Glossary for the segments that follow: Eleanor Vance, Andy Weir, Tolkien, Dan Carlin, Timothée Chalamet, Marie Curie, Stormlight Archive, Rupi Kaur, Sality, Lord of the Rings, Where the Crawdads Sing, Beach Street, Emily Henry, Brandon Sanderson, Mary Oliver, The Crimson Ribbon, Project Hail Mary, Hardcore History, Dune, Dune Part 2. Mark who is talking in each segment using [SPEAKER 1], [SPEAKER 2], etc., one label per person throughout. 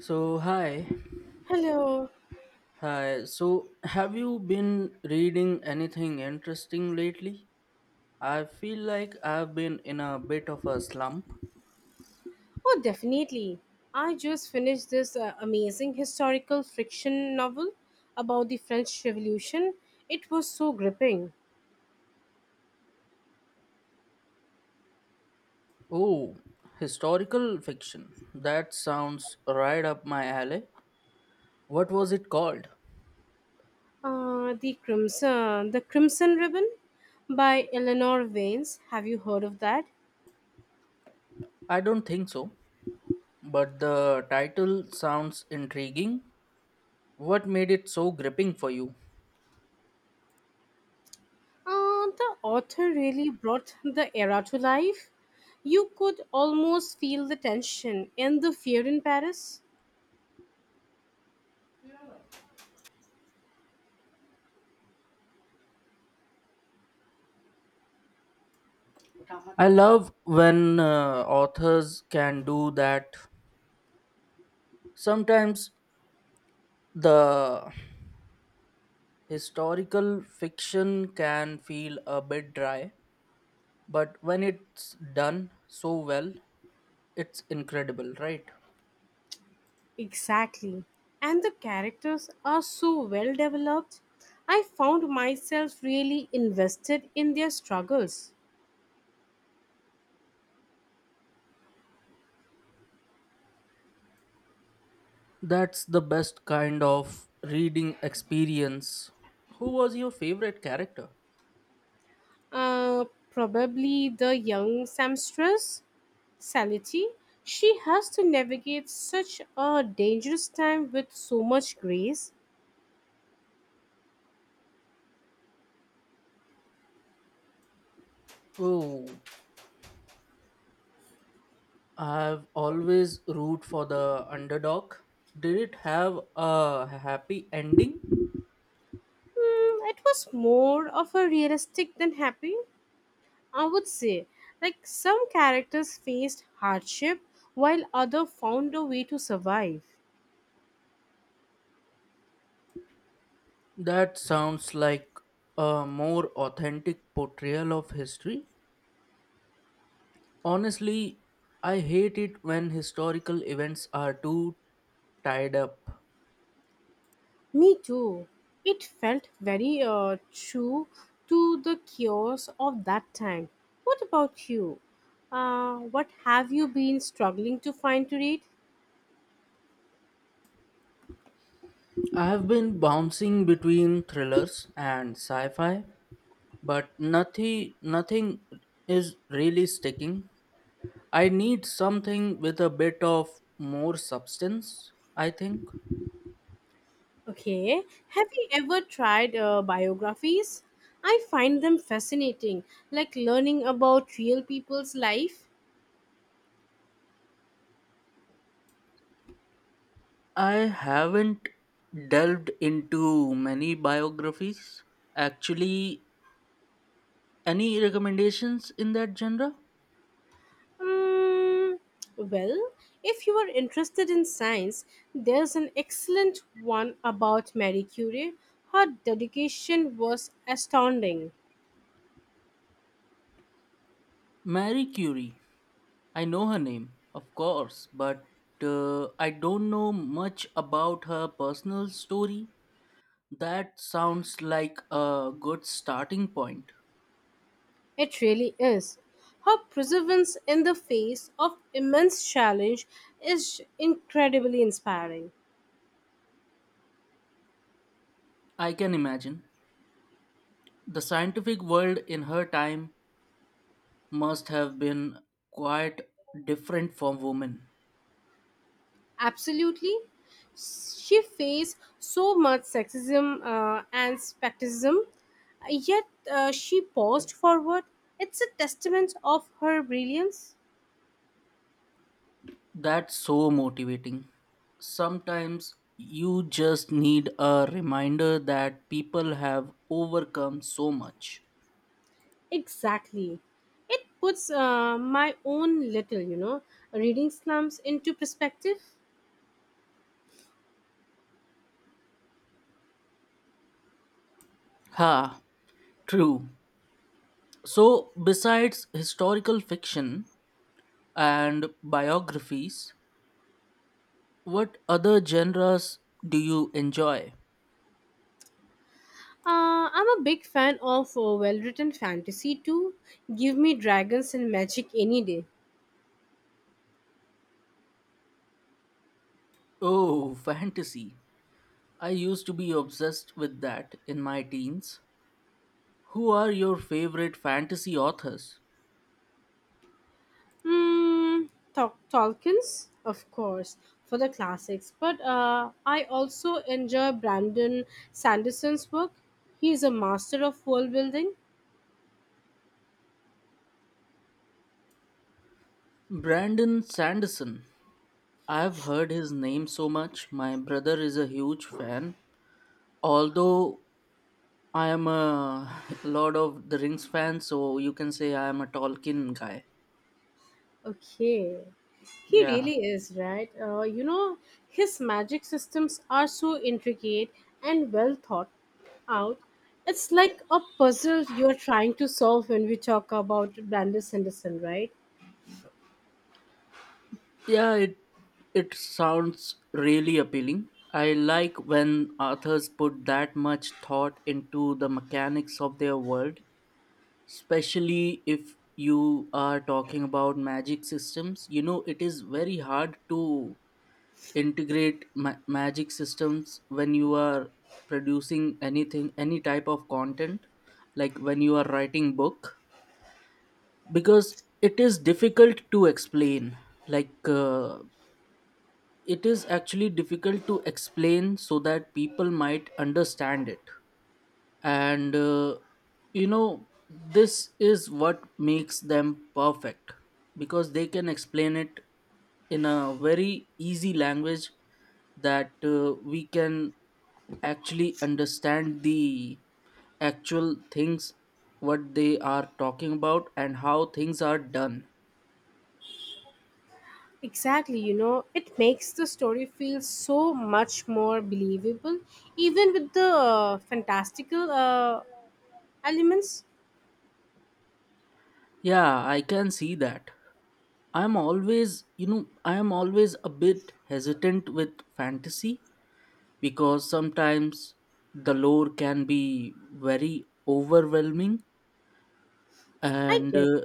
[SPEAKER 1] So, hi.
[SPEAKER 2] Hello.
[SPEAKER 1] Hi. So, have you been reading anything interesting lately? I feel like I've been in a bit of a slump.
[SPEAKER 2] Oh, definitely. I just finished this amazing historical fiction novel about the French Revolution. It was so gripping.
[SPEAKER 1] Oh, historical fiction. That sounds right up my alley. What was it called?
[SPEAKER 2] The Crimson Ribbon, by Eleanor Vance. Have you heard of that?
[SPEAKER 1] I don't think so, but the title sounds intriguing. What made it so gripping for you?
[SPEAKER 2] The author really brought the era to life. You could almost feel the tension and the fear in Paris.
[SPEAKER 1] I love when authors can do that. Sometimes the Historical fiction can feel a bit dry, but when it's done so well, it's incredible, right?
[SPEAKER 2] Exactly. And the characters are so well developed. I found myself really invested in their struggles.
[SPEAKER 1] That's the best kind of reading experience. Who was your favorite character?
[SPEAKER 2] Probably the young sempstress, Sality. She has to navigate such a dangerous time with so much grace.
[SPEAKER 1] Oh, I've always root for the underdog. Did it have a happy ending?
[SPEAKER 2] It was more of a realistic than happy, I would say. Like some characters faced hardship while others found a way to survive.
[SPEAKER 1] That sounds like a more authentic portrayal of history. Honestly, I hate it when historical events are too tied up.
[SPEAKER 2] Me too. It felt very true to the chaos of that time. What about you? What have you been struggling to find to read?
[SPEAKER 1] I have been bouncing between thrillers and sci-fi, but nothing is really sticking. I need something with a bit of more substance, I think.
[SPEAKER 2] Okay. Have you ever tried biographies? I find them fascinating, like learning about real people's life.
[SPEAKER 1] I haven't delved into many biographies. Actually, any recommendations in that genre?
[SPEAKER 2] Mm, well, if you are interested in science, there's an excellent one about Marie Curie. Her dedication was astounding.
[SPEAKER 1] Mary Curie, I know her name, of course, but I don't know much about her personal story. That sounds like a good starting point.
[SPEAKER 2] It really is. Her perseverance in the face of immense challenge is incredibly inspiring.
[SPEAKER 1] I can imagine. The scientific world in her time must have been quite different from women.
[SPEAKER 2] Absolutely. She faced so much sexism and skepticism, yet she paused forward. It's a testament of her brilliance.
[SPEAKER 1] That's so motivating. Sometimes you just need a reminder that people have overcome so much.
[SPEAKER 2] Exactly. It puts my own little, reading slumps into perspective.
[SPEAKER 1] Ha, true. So, besides historical fiction and biographies, what other genres do you enjoy?
[SPEAKER 2] I'm a big fan of well written fantasy too. Give me dragons and magic any day.
[SPEAKER 1] Oh, fantasy. I used to be obsessed with that in my teens. Who are your favorite fantasy authors?
[SPEAKER 2] Hmm, Tolkien's, of course, for the classics, but I also enjoy Brandon Sanderson's work. He is a master of world building.
[SPEAKER 1] Brandon Sanderson. I've heard his name so much. My brother is a huge fan. Although I am a Lord of the Rings fan, so you can say I am a Tolkien guy.
[SPEAKER 2] Okay. He
[SPEAKER 1] Yeah.
[SPEAKER 2] really is, right? His magic systems are so intricate and well thought out. It's like a puzzle you're trying to solve when we talk about Brandon Sanderson, right?
[SPEAKER 1] Yeah, it sounds really appealing. I like when authors put that much thought into the mechanics of their world, especially if you are talking about magic systems. You know, it is very hard to integrate magic systems when you are producing anything any type of content like when you are writing book because it is difficult to explain like uh, it is actually difficult to explain so that people might understand it, and you know this is what makes them perfect because they can explain it in a very easy language that we can actually understand the actual things what they are talking about and how things are done.
[SPEAKER 2] Exactly, you know, it makes the story feel so much more believable, even with the fantastical elements.
[SPEAKER 1] Yeah, I can see that. I'm always, I am always a bit hesitant with fantasy because sometimes the lore can be very overwhelming
[SPEAKER 2] I
[SPEAKER 1] and
[SPEAKER 2] get.
[SPEAKER 1] uh,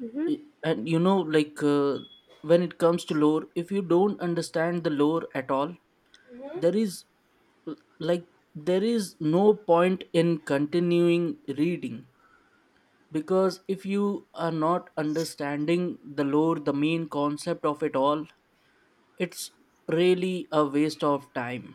[SPEAKER 2] Mm-hmm.
[SPEAKER 1] and when it comes to lore, if you don't understand the lore at all, there is like there is no point in continuing reading because if you are not understanding the lore, the main concept of it all, it's really a waste of time.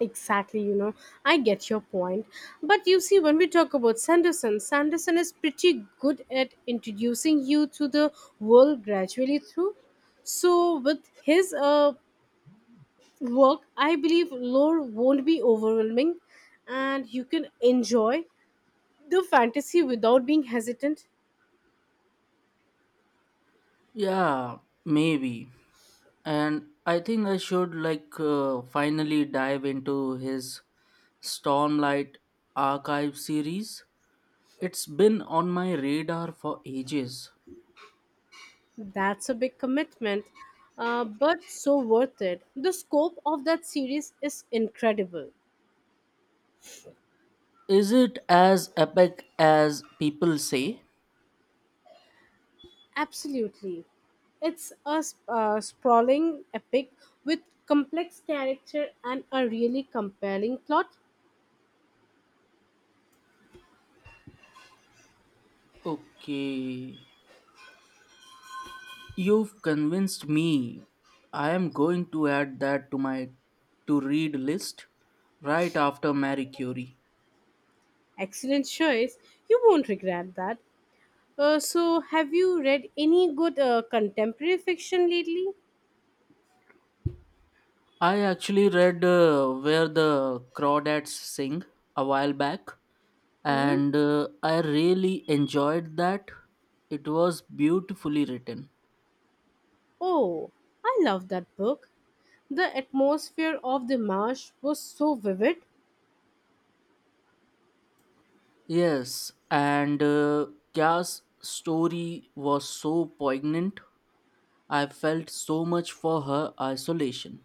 [SPEAKER 2] Exactly, you know, I get your point. But you see, when we talk about Sanderson, is pretty good at introducing you to the world gradually through. So, with his work, I believe lore won't be overwhelming and you can enjoy the fantasy without being hesitant.
[SPEAKER 1] Yeah, maybe. And I think I should finally dive into his Stormlight Archive series. It's been on my radar for ages.
[SPEAKER 2] That's a big commitment, but so worth it. The scope of that series is incredible.
[SPEAKER 1] Is it as epic as people say?
[SPEAKER 2] Absolutely. It's a sprawling epic with complex character and a really compelling plot.
[SPEAKER 1] Okay. You've convinced me. I am going to add that to my to read list right after Marie Curie.
[SPEAKER 2] Excellent choice. You won't regret that. So, have you read any good contemporary fiction lately?
[SPEAKER 1] I actually read Where the Crawdads Sing a while back,
[SPEAKER 2] Hmm.
[SPEAKER 1] and I really enjoyed that. It was beautifully written.
[SPEAKER 2] Oh, I love that book. The atmosphere of the marsh was so vivid.
[SPEAKER 1] Yes, and Kya's story was so poignant. I felt so much for her isolation.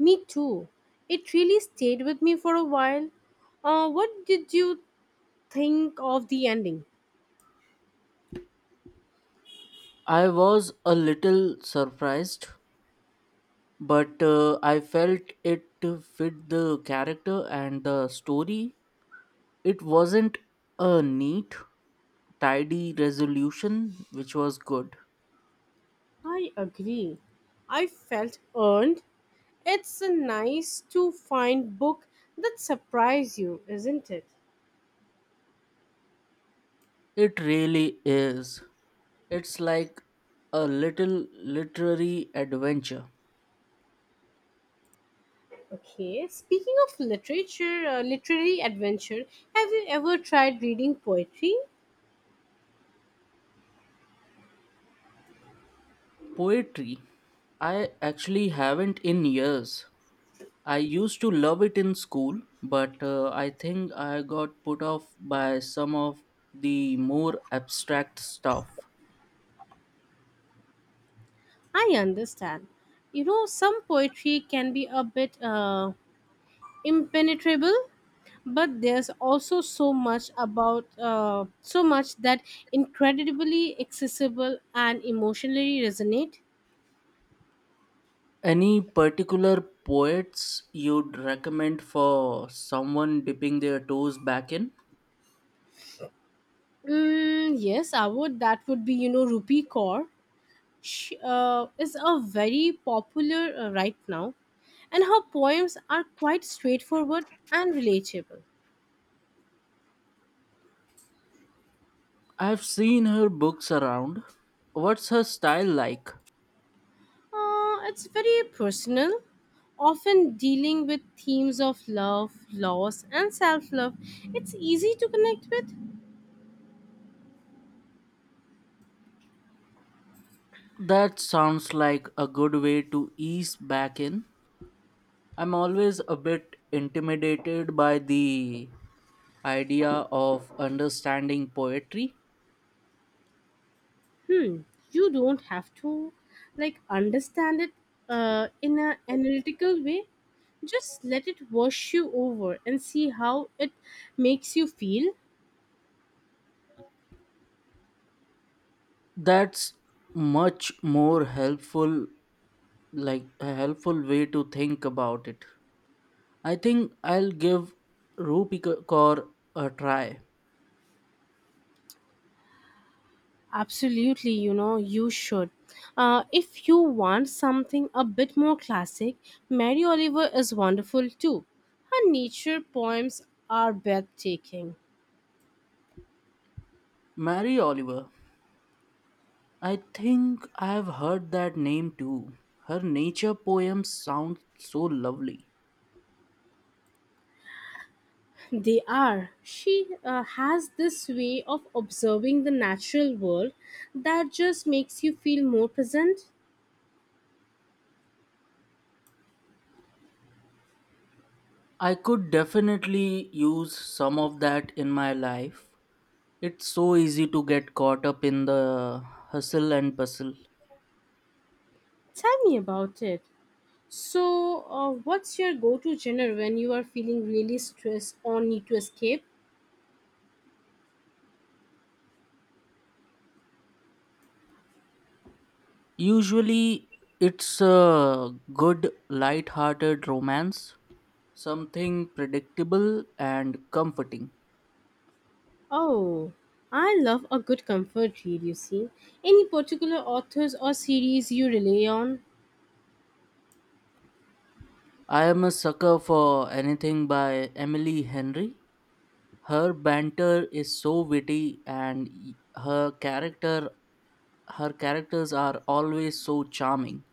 [SPEAKER 2] Me too. It really stayed with me for a while. What did you think of the ending?
[SPEAKER 1] I was a little surprised, but I felt it fit the character and the story. It wasn't a neat, tidy resolution, which was good.
[SPEAKER 2] I agree. I felt earned. It's a nice to find book that surprise you, isn't it?
[SPEAKER 1] It really is. It's like a little literary adventure.
[SPEAKER 2] Okay, speaking of literary adventure, have you ever tried reading poetry?
[SPEAKER 1] Poetry. I actually haven't in years. I used to love it in school, but I think I got put off by some of the more abstract stuff.
[SPEAKER 2] I understand. You know, some poetry can be a bit impenetrable, but there's also so much that incredibly accessible and emotionally resonate.
[SPEAKER 1] Any particular poets you'd recommend for someone dipping their toes back in?
[SPEAKER 2] Yes, I would. That would be, you know, Rupi Kaur. She is a very popular right now, and her poems are quite straightforward and relatable.
[SPEAKER 1] I've seen her books around. What's her style like?
[SPEAKER 2] It's very personal, often dealing with themes of love, loss, and self love. It's easy to connect with.
[SPEAKER 1] That sounds like a good way to ease back in. I'm always a bit intimidated by the idea of understanding poetry.
[SPEAKER 2] hmm, you don't have to like understand it in an analytical way. Just let it wash you over and see how it makes you feel.
[SPEAKER 1] That's much more helpful, like a helpful way to think about it. I think I'll give Rupi Kaur a try.
[SPEAKER 2] Absolutely, you know, you should. If you want something a bit more classic, Mary Oliver is wonderful too. Her nature poems are breathtaking.
[SPEAKER 1] Mary Oliver. I think I've heard that name too. Her nature poems sound so lovely.
[SPEAKER 2] They are. She has this way of observing the natural world that just makes you feel more present.
[SPEAKER 1] I could definitely use some of that in my life. It's so easy to get caught up in the hustle and bustle.
[SPEAKER 2] Tell me about it. So, what's your go to genre when you are feeling really stressed or need to escape?
[SPEAKER 1] Usually, it's a good, light-hearted romance, something predictable and comforting.
[SPEAKER 2] Oh, I love a good comfort read, you see. Any particular authors or series you rely on?
[SPEAKER 1] I am a sucker for anything by Emily Henry. Her banter is so witty, and her character, her characters are always so charming.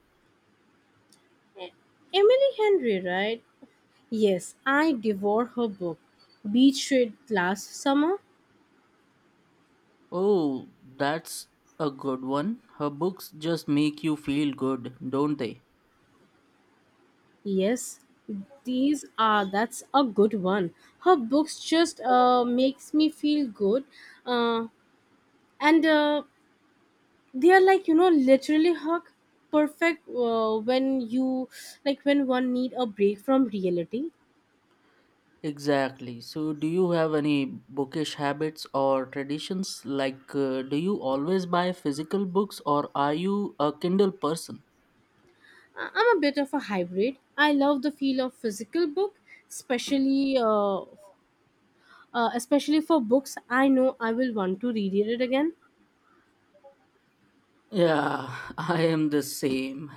[SPEAKER 2] Emily Henry, right? Yes, I devoured her book, Beach Street, last summer.
[SPEAKER 1] Oh, that's a good one. Her books just make you feel good, don't they?
[SPEAKER 2] Yes, these are that's a good one. Her books just makes me feel good, uh, and they are like you know literally her perfect when you like when one need a break from reality.
[SPEAKER 1] Exactly. So, do you have any bookish habits or traditions? Like, do you always buy physical books or are you a Kindle person?
[SPEAKER 2] I'm a bit of a hybrid. I love the feel of physical book, especially uh, especially for books I know I will want to read it again.
[SPEAKER 1] Yeah, I am the same.